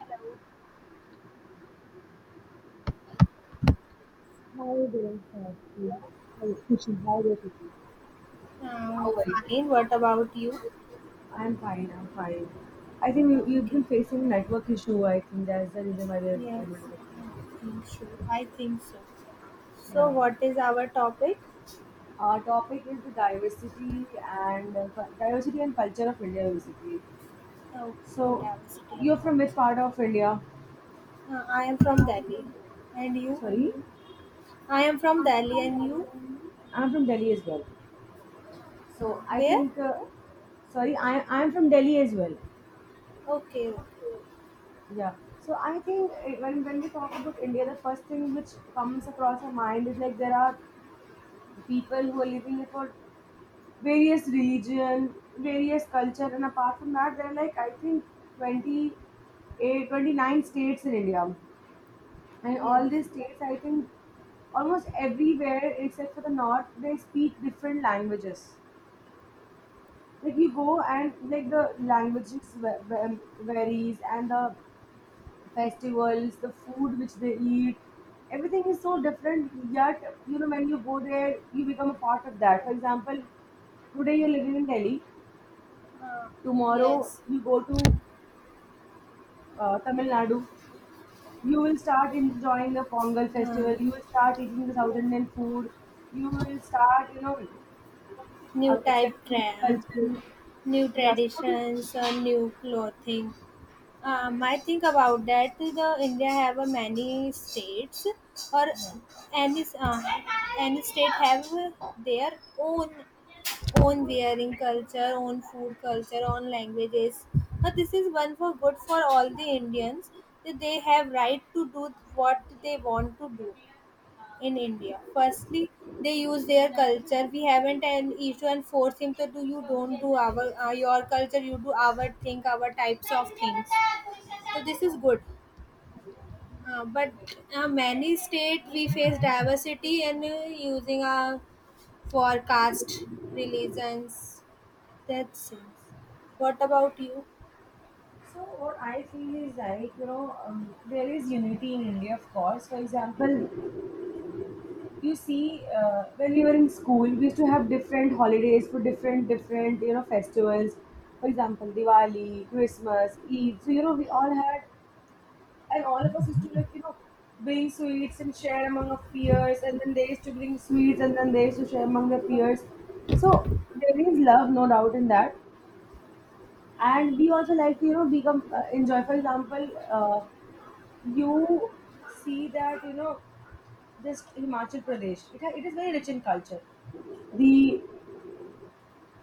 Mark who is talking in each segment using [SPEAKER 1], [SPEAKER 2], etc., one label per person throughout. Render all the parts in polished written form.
[SPEAKER 1] Hello.
[SPEAKER 2] Hi there, Sakshi. Hi, Kushi. Hi there, Kushi.
[SPEAKER 1] Oh,
[SPEAKER 2] How are you?
[SPEAKER 1] fine. What about you?
[SPEAKER 2] I'm fine. I think you've
[SPEAKER 1] Okay.
[SPEAKER 2] been facing network issue. I think that's the reason why we are
[SPEAKER 1] Yes.
[SPEAKER 2] able to get connected.
[SPEAKER 1] I think so. I think so. So,
[SPEAKER 2] Yeah.
[SPEAKER 1] what is our topic?
[SPEAKER 2] Our topic is the diversity and diversity and culture of India, basically.
[SPEAKER 1] Okay.
[SPEAKER 2] So,
[SPEAKER 1] Diversity and
[SPEAKER 2] you're from which
[SPEAKER 1] culture.
[SPEAKER 2] part of India?
[SPEAKER 1] I am from Delhi. And you?
[SPEAKER 2] Sorry,
[SPEAKER 1] I am from Delhi, and you?
[SPEAKER 2] I'm from Delhi as well.
[SPEAKER 1] Uh,
[SPEAKER 2] So, I
[SPEAKER 1] Where?
[SPEAKER 2] think, sorry, I, I'm from Delhi as well.
[SPEAKER 1] Okay.
[SPEAKER 2] Yeah. So I think when we talk about India, the first thing which comes across our mind is like there are people who are living here for various religion, various culture, and apart from that, there are like I think 28, 29 states in India, and
[SPEAKER 1] Yes.
[SPEAKER 2] all these states I think almost everywhere except for the north they speak different languages. Like you go and like the languages varies and the festivals, the food which they eat, everything is so different. Yet, you know, when you go there, you become a part of that. For example, today you're living in Delhi,
[SPEAKER 1] Uh,
[SPEAKER 2] tomorrow
[SPEAKER 1] yes.
[SPEAKER 2] you go to Tamil Nadu, you will start enjoying the Pongal
[SPEAKER 1] Uh,
[SPEAKER 2] festival, you will start eating the South Indian food, you will start, you know,
[SPEAKER 1] new type
[SPEAKER 2] accepting the
[SPEAKER 1] trend,
[SPEAKER 2] culture.
[SPEAKER 1] new
[SPEAKER 2] Yeah, so what do you think?
[SPEAKER 1] traditions, new clothing. I think about that. The India have a many states, or
[SPEAKER 2] Yeah.
[SPEAKER 1] any uh, any state have their own own wearing culture, own food culture, own languages. But this is one for good for all the Indians that they have right to do what they want to do in India. Firstly, they use their culture. We haven't an issue and force him to do. You don't do our your culture. You do our thing, our types of things. So this is good. But many state we face diversity and using for caste religions. That's it. What about you?
[SPEAKER 2] So what I feel is like there is unity in India, of course. For example, you see when we were in school we used to have different holidays for different you know festivals, for example, Diwali, Christmas, Eid. So you know we all had, and all of us used to, like, you know, bring sweets and share among our peers, and then they used to bring sweets and then they used to share among their peers. So there is love, no doubt in that. And we also like to, you know, become enjoy. For example, uh, you see that you know just Himachal Pradesh it is very rich in culture. The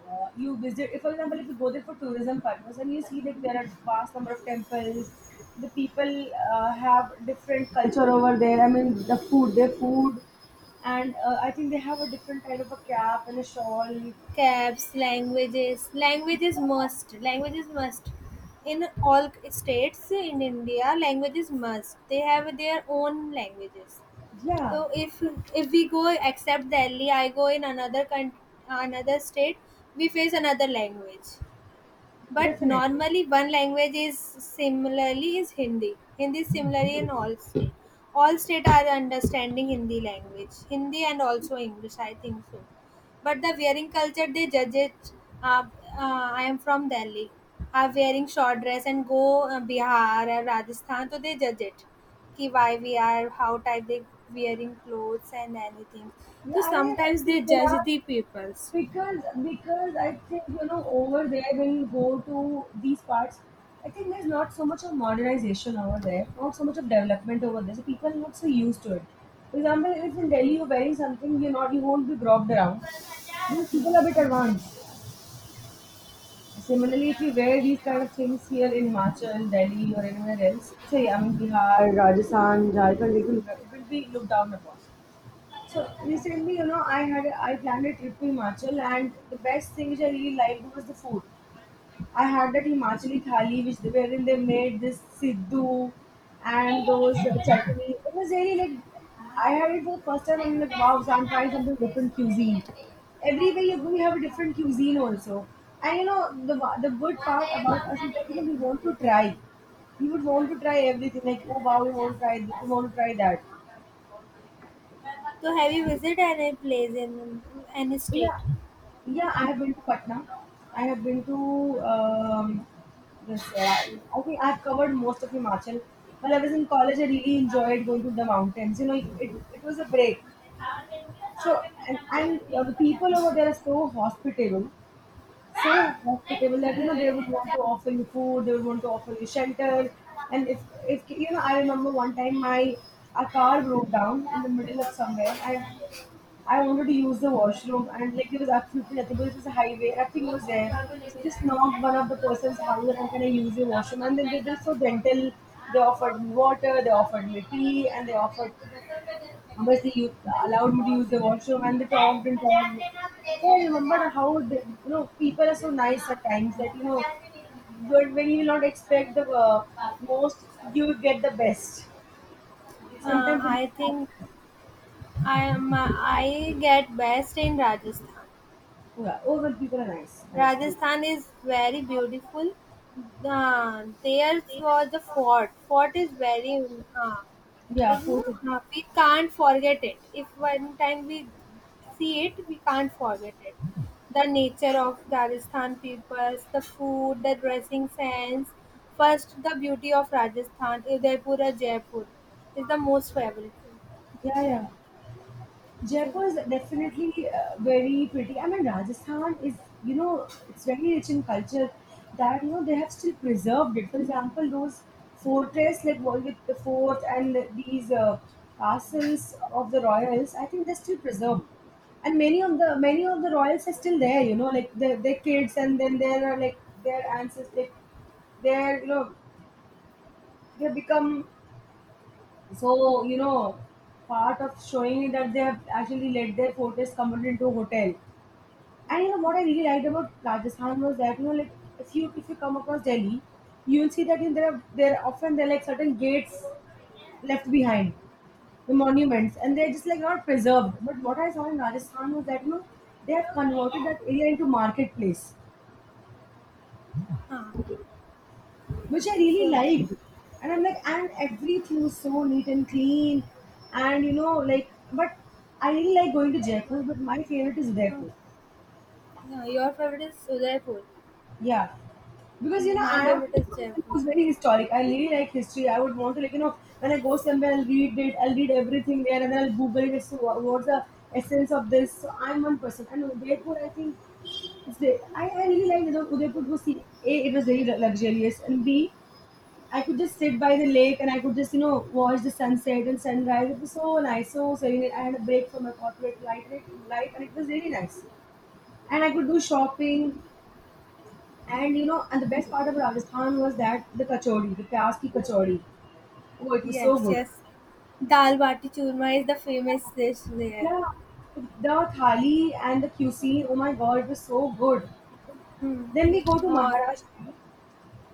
[SPEAKER 2] You visit, if for example, if you go there for tourism purpose, and you see that there are vast number of temples. The people have different culture over there. I mean the food their food, and I think they have a different kind of a cap and a shawl.
[SPEAKER 1] Caps languages, language is must. Language is must. In all states in India, language is must. They have their own languages.
[SPEAKER 2] Yeah,
[SPEAKER 1] So if we go except Delhi, I go in another country, another state, we face another language. But
[SPEAKER 2] definitely.
[SPEAKER 1] normally one language is similarly is Hindi. Hindi is similarly in all state. All state are understanding Hindi language. Hindi and also English, I think so. But the wearing culture they judge it. Uh, I am from Delhi. Are wearing short dress and go Bihar or Rajasthan, so they judge it. Ki why we are how type they wearing clothes and anything. So
[SPEAKER 2] Yeah, I
[SPEAKER 1] sometimes they
[SPEAKER 2] think there
[SPEAKER 1] judge
[SPEAKER 2] are,
[SPEAKER 1] the peoples.
[SPEAKER 2] because I think, you know, over there when you go to these parts, I think there's not so much of modernization over there, not so much of development over there. So people are not so used to it. For example, if in Delhi you're wearing something, you won't be groped around. Because people are a bit advanced. Similarly, if you wear these kind of things here in Himachal, Delhi, or anywhere else, so yeah, I mean Bihar, Rajasthan, Jharkhand, it will be looked down upon. So recently, you know, I planned a trip to Himachal, and the best thing which I really liked was the food. I had that Himachali thali, which wherein they made this siddhu and those chutney. It was really like, I had it for the first time, and I'm like, wow! So I'm trying something different cuisine. Everywhere you go, you have a different cuisine also. And you know, the good part about us is that you know we want to try. We would want to try everything. Like, oh wow, we want to try this, we want to try that.
[SPEAKER 1] So have you visited any place in any state?
[SPEAKER 2] Yeah, yeah. I have been to Patna. I have been to this. I think I've covered most of Himachal. While I was in college, I really enjoyed going to the mountains. You know, it was a break. So and the people over there are so hospitable that you know they would want to offer you food, they would want to offer you shelter, and if you know, I remember one time my a car broke down in the middle of somewhere, and I wanted to use the washroom, and like there was absolutely nothing because it was a highway, nothing was there. So just knocked one of the person's house, and I'm gonna use your washroom. And then they're so gentle. They offered me water, they offered me tea, and they offered, obviously, you allowed me to use the washroom, and they talked and talked. So I remember how the, you know, people are so nice at times that you know when you not expect the most, you get the best. Sometimes it just
[SPEAKER 1] I think
[SPEAKER 2] happens.
[SPEAKER 1] I am. I get best in Rajasthan.
[SPEAKER 2] Yeah, over people are nice, nice too.
[SPEAKER 1] Rajasthan is very beautiful. There was the fort. Fort is very. Uh,
[SPEAKER 2] Yeah,
[SPEAKER 1] it,
[SPEAKER 2] food.
[SPEAKER 1] we can't forget it. If one time we see it, we can't forget it. The nature of Rajasthan peoples, the food, the dressing sense. First, the beauty of Rajasthan, Udaipur or Jaipur, is the most favorite.
[SPEAKER 2] Yeah, yeah.
[SPEAKER 1] This is,
[SPEAKER 2] Jaipur is definitely very pretty. I mean, Rajasthan is, you know, it's very rich in culture that, you know, they have still preserved it. For example, those fortress, like what the fort and these castles of the royals, I think they're still preserved. And many of the royals are still there, you know, like their kids, and then there are like their ancestors, like they're you know they have become so, you know, part of showing it that they have actually let their fortress converted into a hotel. And you know what I really liked about Rajasthan was that you know, like if you come across Delhi, you will see that in there are often there are like certain gates left behind, the monuments, and they're just like not preserved. But what I saw in Rajasthan was that you know they have converted that area into marketplace,
[SPEAKER 1] uh,
[SPEAKER 2] which I really
[SPEAKER 1] so,
[SPEAKER 2] liked. And I'm like, and everything was so neat and clean, and you know, like, but I really like going to Jaipur, but my favorite is
[SPEAKER 1] uh,
[SPEAKER 2] Udaipur.
[SPEAKER 1] yeah, your favorite is Udaipur.
[SPEAKER 2] Yeah, because you know,
[SPEAKER 1] My
[SPEAKER 2] I am
[SPEAKER 1] favorite
[SPEAKER 2] a
[SPEAKER 1] is
[SPEAKER 2] person
[SPEAKER 1] Jaipur.
[SPEAKER 2] who's very historic. I really like history. I would want to, like, you know, when I go somewhere, I'll read it, I'll read everything there, and then I'll Google it. So, what's the essence of this? So, I'm one person, and Udaipur, I think. It's the, I really like you know, Udaipur because see, A, it was very luxurious, and B, I could just sit by the lake and I could just, you know, watch the sunset and sunrise. It was so nice, so serene. I had a break from my corporate life life, and it was really nice. And I could do shopping. And, you know, and the best part of Rajasthan was that the kachori, the pyaz ki kachori. Oh, it was so
[SPEAKER 1] Yes,
[SPEAKER 2] good.
[SPEAKER 1] yes. Dal bati churma is the famous dish there.
[SPEAKER 2] Yeah, the thali and the cuisine, oh my God, it was so good. Then we go to
[SPEAKER 1] Uh,
[SPEAKER 2] Maharashtra.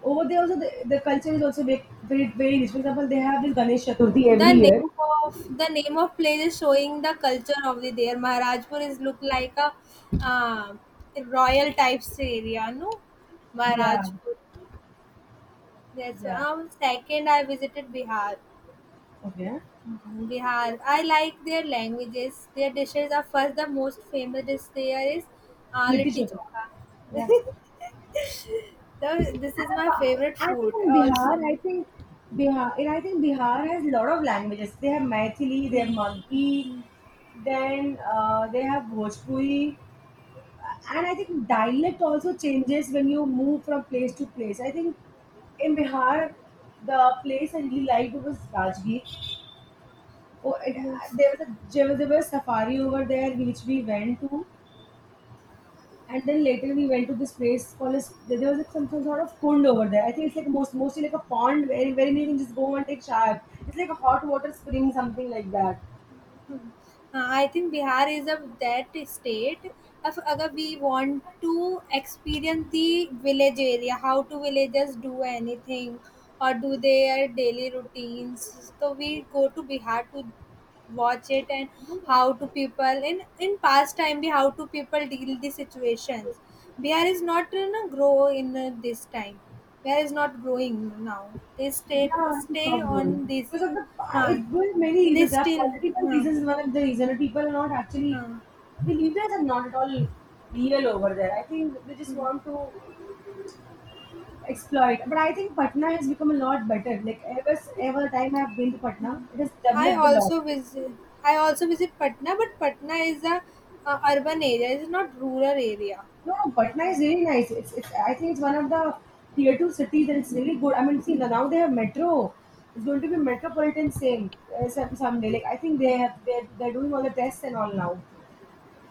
[SPEAKER 2] Over there also, the culture is also very rich. For example, they have this Ganesh Chaturthi every
[SPEAKER 1] the
[SPEAKER 2] year.
[SPEAKER 1] name of place is showing the culture of the there. Maharajpur is look like a uh, royal types area, no?
[SPEAKER 2] Yeah,
[SPEAKER 1] Maharajpur. That's why.
[SPEAKER 2] yeah.
[SPEAKER 1] Second, I visited Bihar.
[SPEAKER 2] Okay.
[SPEAKER 1] Mhm, Bihar. I like their languages. Their dishes are first the most famous dish there is
[SPEAKER 2] Niti
[SPEAKER 1] litti
[SPEAKER 2] Chopra.
[SPEAKER 1] chokha.
[SPEAKER 2] Yeah.
[SPEAKER 1] This
[SPEAKER 2] And
[SPEAKER 1] is my favorite
[SPEAKER 2] I think
[SPEAKER 1] food
[SPEAKER 2] in Bihar,
[SPEAKER 1] also.
[SPEAKER 2] I think Bihar has a lot of languages. They have Maithili, they have
[SPEAKER 1] Mm,
[SPEAKER 2] Maghi, then they have Bhojpuri, and I think dialect also changes when you move from place to place. I think in Bihar, the place I really liked was Rajgir. Oh, it,
[SPEAKER 1] yes.
[SPEAKER 2] there was there was a safari over there which we went to. And then later we went to this place called as, there was like some sort of pond over there. I think it's like mostly like a pond where you can just go and take shower. It's like a hot water spring, something like that.
[SPEAKER 1] हाँ I think Bihar is a that state अब अगर we want to experience the village area how to villagers do anything और do their daily routines तो we go to Bihar to watch it and how to people in past time भी how to people deal the situations. Bihar is not you know, grow in this time. Bihar is not growing now, they stay
[SPEAKER 2] Yeah, I
[SPEAKER 1] stay
[SPEAKER 2] stopped
[SPEAKER 1] on
[SPEAKER 2] going
[SPEAKER 1] this.
[SPEAKER 2] because of the,
[SPEAKER 1] हाँ
[SPEAKER 2] it was many
[SPEAKER 1] they
[SPEAKER 2] reasons. There are
[SPEAKER 1] still.
[SPEAKER 2] political
[SPEAKER 1] हाँ,
[SPEAKER 2] reasons, is one of the reasons. People are not actually,
[SPEAKER 1] हाँ,
[SPEAKER 2] the leaders are not at all real over there. I think they just want to exploit. But I think Patna has become a lot better. Like ever time I have been to Patna, it has
[SPEAKER 1] I
[SPEAKER 2] developed a lot.
[SPEAKER 1] also visit. I also visit Patna, but Patna is a urban area. It is not rural area.
[SPEAKER 2] No, no,
[SPEAKER 1] I
[SPEAKER 2] Patna is
[SPEAKER 1] think so.
[SPEAKER 2] really nice. It's, I think it's one of the tier two cities, and it's really good. I mean, see now they have metro. It's going to be metropolitan same some someday. Like I think they're doing all the tests and all now.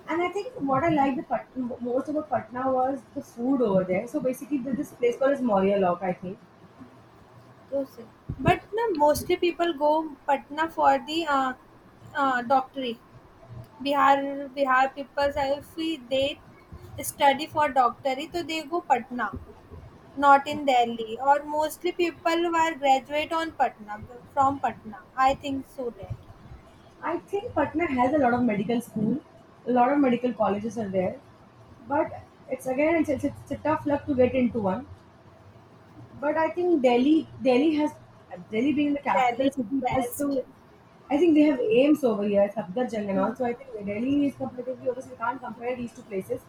[SPEAKER 2] And I think what I liked the most about Patna was the food over there. So basically, there's this place called as Maurya Lock, I think.
[SPEAKER 1] Those are- but na, mostly people go Patna for the doctorate. Bihar people if we, they study for doctorate, so they go Patna, not in Delhi. Or mostly people who are graduate on Patna from Patna. I think so that
[SPEAKER 2] I think Patna has a lot of medical school. A lot of medical colleges are there, but it's a tough luck to get into one. But I think Delhi, Delhi has Delhi being the
[SPEAKER 1] Delhi
[SPEAKER 2] capital
[SPEAKER 1] is
[SPEAKER 2] city, it has
[SPEAKER 1] best.
[SPEAKER 2] to. I think they have aims over here, Safdarjung and all.
[SPEAKER 1] Hmm.
[SPEAKER 2] So I think Delhi is competitive. Obviously, we can't compare these two places.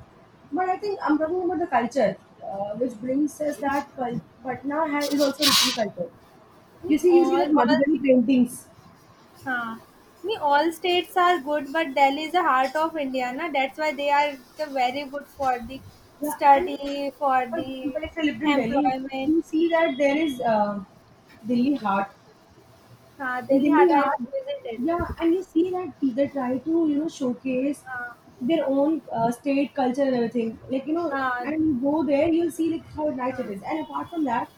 [SPEAKER 2] But I think I'm talking about the culture, which brings us that Patna has, is also a different culture.
[SPEAKER 1] Me
[SPEAKER 2] You see that
[SPEAKER 1] all,
[SPEAKER 2] Madhubani paintings.
[SPEAKER 1] huh. Me all states are good, but Delhi is the heart of India, na? That's why they are the very good for the
[SPEAKER 2] Yeah, and
[SPEAKER 1] study, for
[SPEAKER 2] for
[SPEAKER 1] the
[SPEAKER 2] example, if I lived in Delhi,
[SPEAKER 1] employment.
[SPEAKER 2] you see that there is Delhi heart.
[SPEAKER 1] Huh.
[SPEAKER 2] In
[SPEAKER 1] Delhi heart
[SPEAKER 2] Delhi
[SPEAKER 1] I
[SPEAKER 2] hard. Yeah,
[SPEAKER 1] visited.
[SPEAKER 2] and you see that they try to you know showcase
[SPEAKER 1] Huh.
[SPEAKER 2] their own state culture and everything. Like you know,
[SPEAKER 1] Huh.
[SPEAKER 2] and you go there, you'll see like how nice it
[SPEAKER 1] Huh.
[SPEAKER 2] is. And apart from that,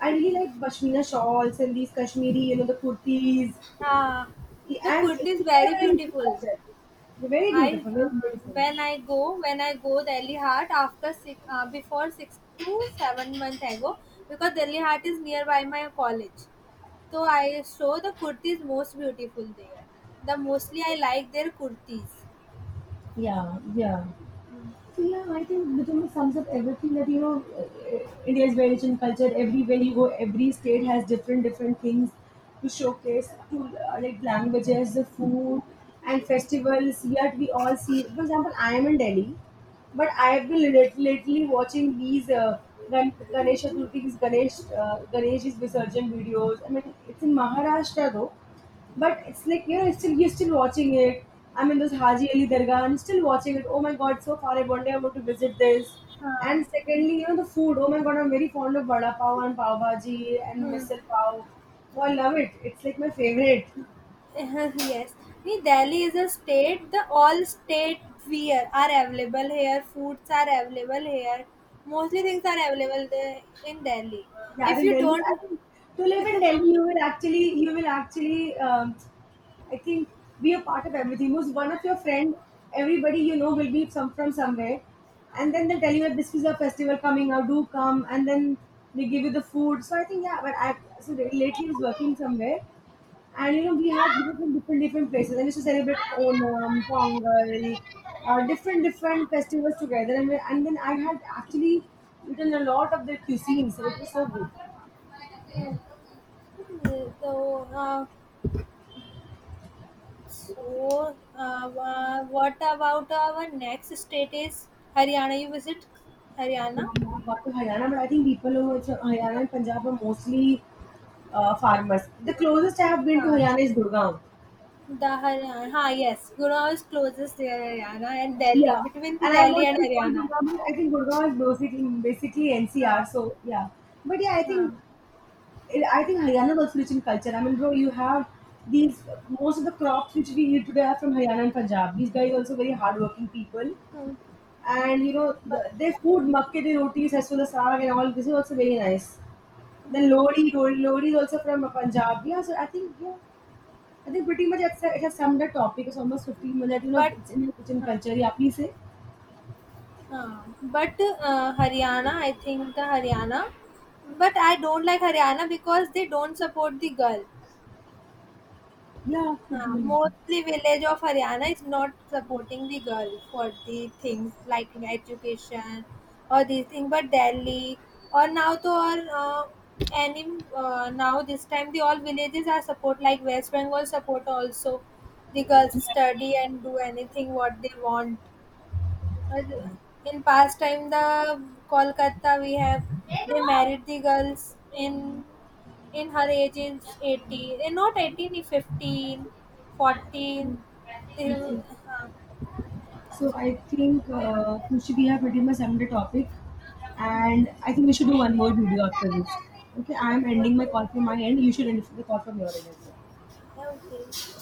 [SPEAKER 2] I really like pashmina shawls and these Kashmiri, you know, the kurtis,
[SPEAKER 1] Huh. The
[SPEAKER 2] and
[SPEAKER 1] kurti
[SPEAKER 2] even they
[SPEAKER 1] is
[SPEAKER 2] are
[SPEAKER 1] very
[SPEAKER 2] very into
[SPEAKER 1] beautiful.
[SPEAKER 2] culture. They're very
[SPEAKER 1] I
[SPEAKER 2] beautiful, very beautiful.
[SPEAKER 1] when I go Delhi Hart after six before 6 to 7 month I go because Delhi Hart is nearby my college. So I show the kurtis most beautiful there. The mostly I like their kurtis.
[SPEAKER 2] Yeah, yeah. So yeah, I think Vijay sums up everything that you know. India is very rich in culture. Everywhere you go, every state has different different things to showcase. To like languages, the food, and festivals. Yet we all see. For example, I am in Delhi, but I have been lately watching these Ganesh Chaturthi, these Ganesh Ganesh is Visarjan videos. I mean, it's in Maharashtra though, but it's like you know, it's still you're still watching it. I'm in this Haji Ali Dargah and still watching it. Oh my god, so far! I one day I want to visit this. And
[SPEAKER 1] हाँ
[SPEAKER 2] secondly, you know the food. Oh my god, I'm very fond of vada pav and pav bhaji and misal pav. Oh, I love it. It's like my favorite.
[SPEAKER 1] yes, Nee, Delhi is a state. The all state wear are available here. Foods are available here. Mostly things are available there in Delhi.
[SPEAKER 2] Yeah, as
[SPEAKER 1] If
[SPEAKER 2] in
[SPEAKER 1] you
[SPEAKER 2] Delhi,
[SPEAKER 1] don't,
[SPEAKER 2] I think to live in Delhi, you will actually, I think, be a part of everything. Most one of your friend, everybody you know will be some from somewhere, and then they tell you that this is a festival coming out, do come, and then they give you the food. So I think yeah, but I so really lately I was working somewhere, and you know we had people from different different places, and used to celebrate Onam, Pongal, different different festivals together, and then I had actually eaten a lot of the cuisines, and it was so good.
[SPEAKER 1] so uh, So, uh, what about our next state is Haryana? You visit Haryana?
[SPEAKER 2] What to Haryana, but I think people over to Haryana
[SPEAKER 1] What?
[SPEAKER 2] and Punjab are mostly farmers. The closest I have been to
[SPEAKER 1] Huh.
[SPEAKER 2] Haryana is Gurgaon.
[SPEAKER 1] The Haryana. Huh, yes. Gurgaon is closest near Haryana and Delhi.
[SPEAKER 2] Yeah,
[SPEAKER 1] Between the
[SPEAKER 2] and I
[SPEAKER 1] Delhi
[SPEAKER 2] won't
[SPEAKER 1] and
[SPEAKER 2] even call
[SPEAKER 1] Haryana.
[SPEAKER 2] Gurgaon, because I think Gurgaon is basically
[SPEAKER 1] Huh.
[SPEAKER 2] NCR. So yeah, but yeah,
[SPEAKER 1] Huh.
[SPEAKER 2] I think Haryana is also rich in culture. I mean, bro, you have these most of the crops which we eat today are from Haryana and Punjab. These guys are also very hardworking people,
[SPEAKER 1] Hmm.
[SPEAKER 2] and you know
[SPEAKER 1] But,
[SPEAKER 2] their food, makke di rotis, as well as saag and all. This is also very nice. Then
[SPEAKER 1] hmm.
[SPEAKER 2] Lodi is also from Punjab. Yeah, so I think yeah, I think pretty much it's, it has summed the topic. It's almost 15 minutes. You know,
[SPEAKER 1] But,
[SPEAKER 2] it's in your kitchen
[SPEAKER 1] huh.
[SPEAKER 2] culture. Yeah, please say.
[SPEAKER 1] Huh. But Haryana, I think the Haryana. But I don't like Haryana because they don't support the girl.
[SPEAKER 2] Yeah, food memory.
[SPEAKER 1] Mostly village of Haryana is not supporting the girl for the things like education or these things, but Delhi or now to or any now this time the all villages are support like West Bengal support also the girls study and do anything what they want well, in past time, the Kolkata we have they married the girls in her age is 18 eh, not 18 eh, 15
[SPEAKER 2] Yeah,
[SPEAKER 1] 14. They,
[SPEAKER 2] I see. So
[SPEAKER 1] so,
[SPEAKER 2] I think Krushi, we have pretty much summed the topic, and I think we should do one more video after this. Okay, I am ending my call from my end. You should end the call from your end as well.
[SPEAKER 1] okay.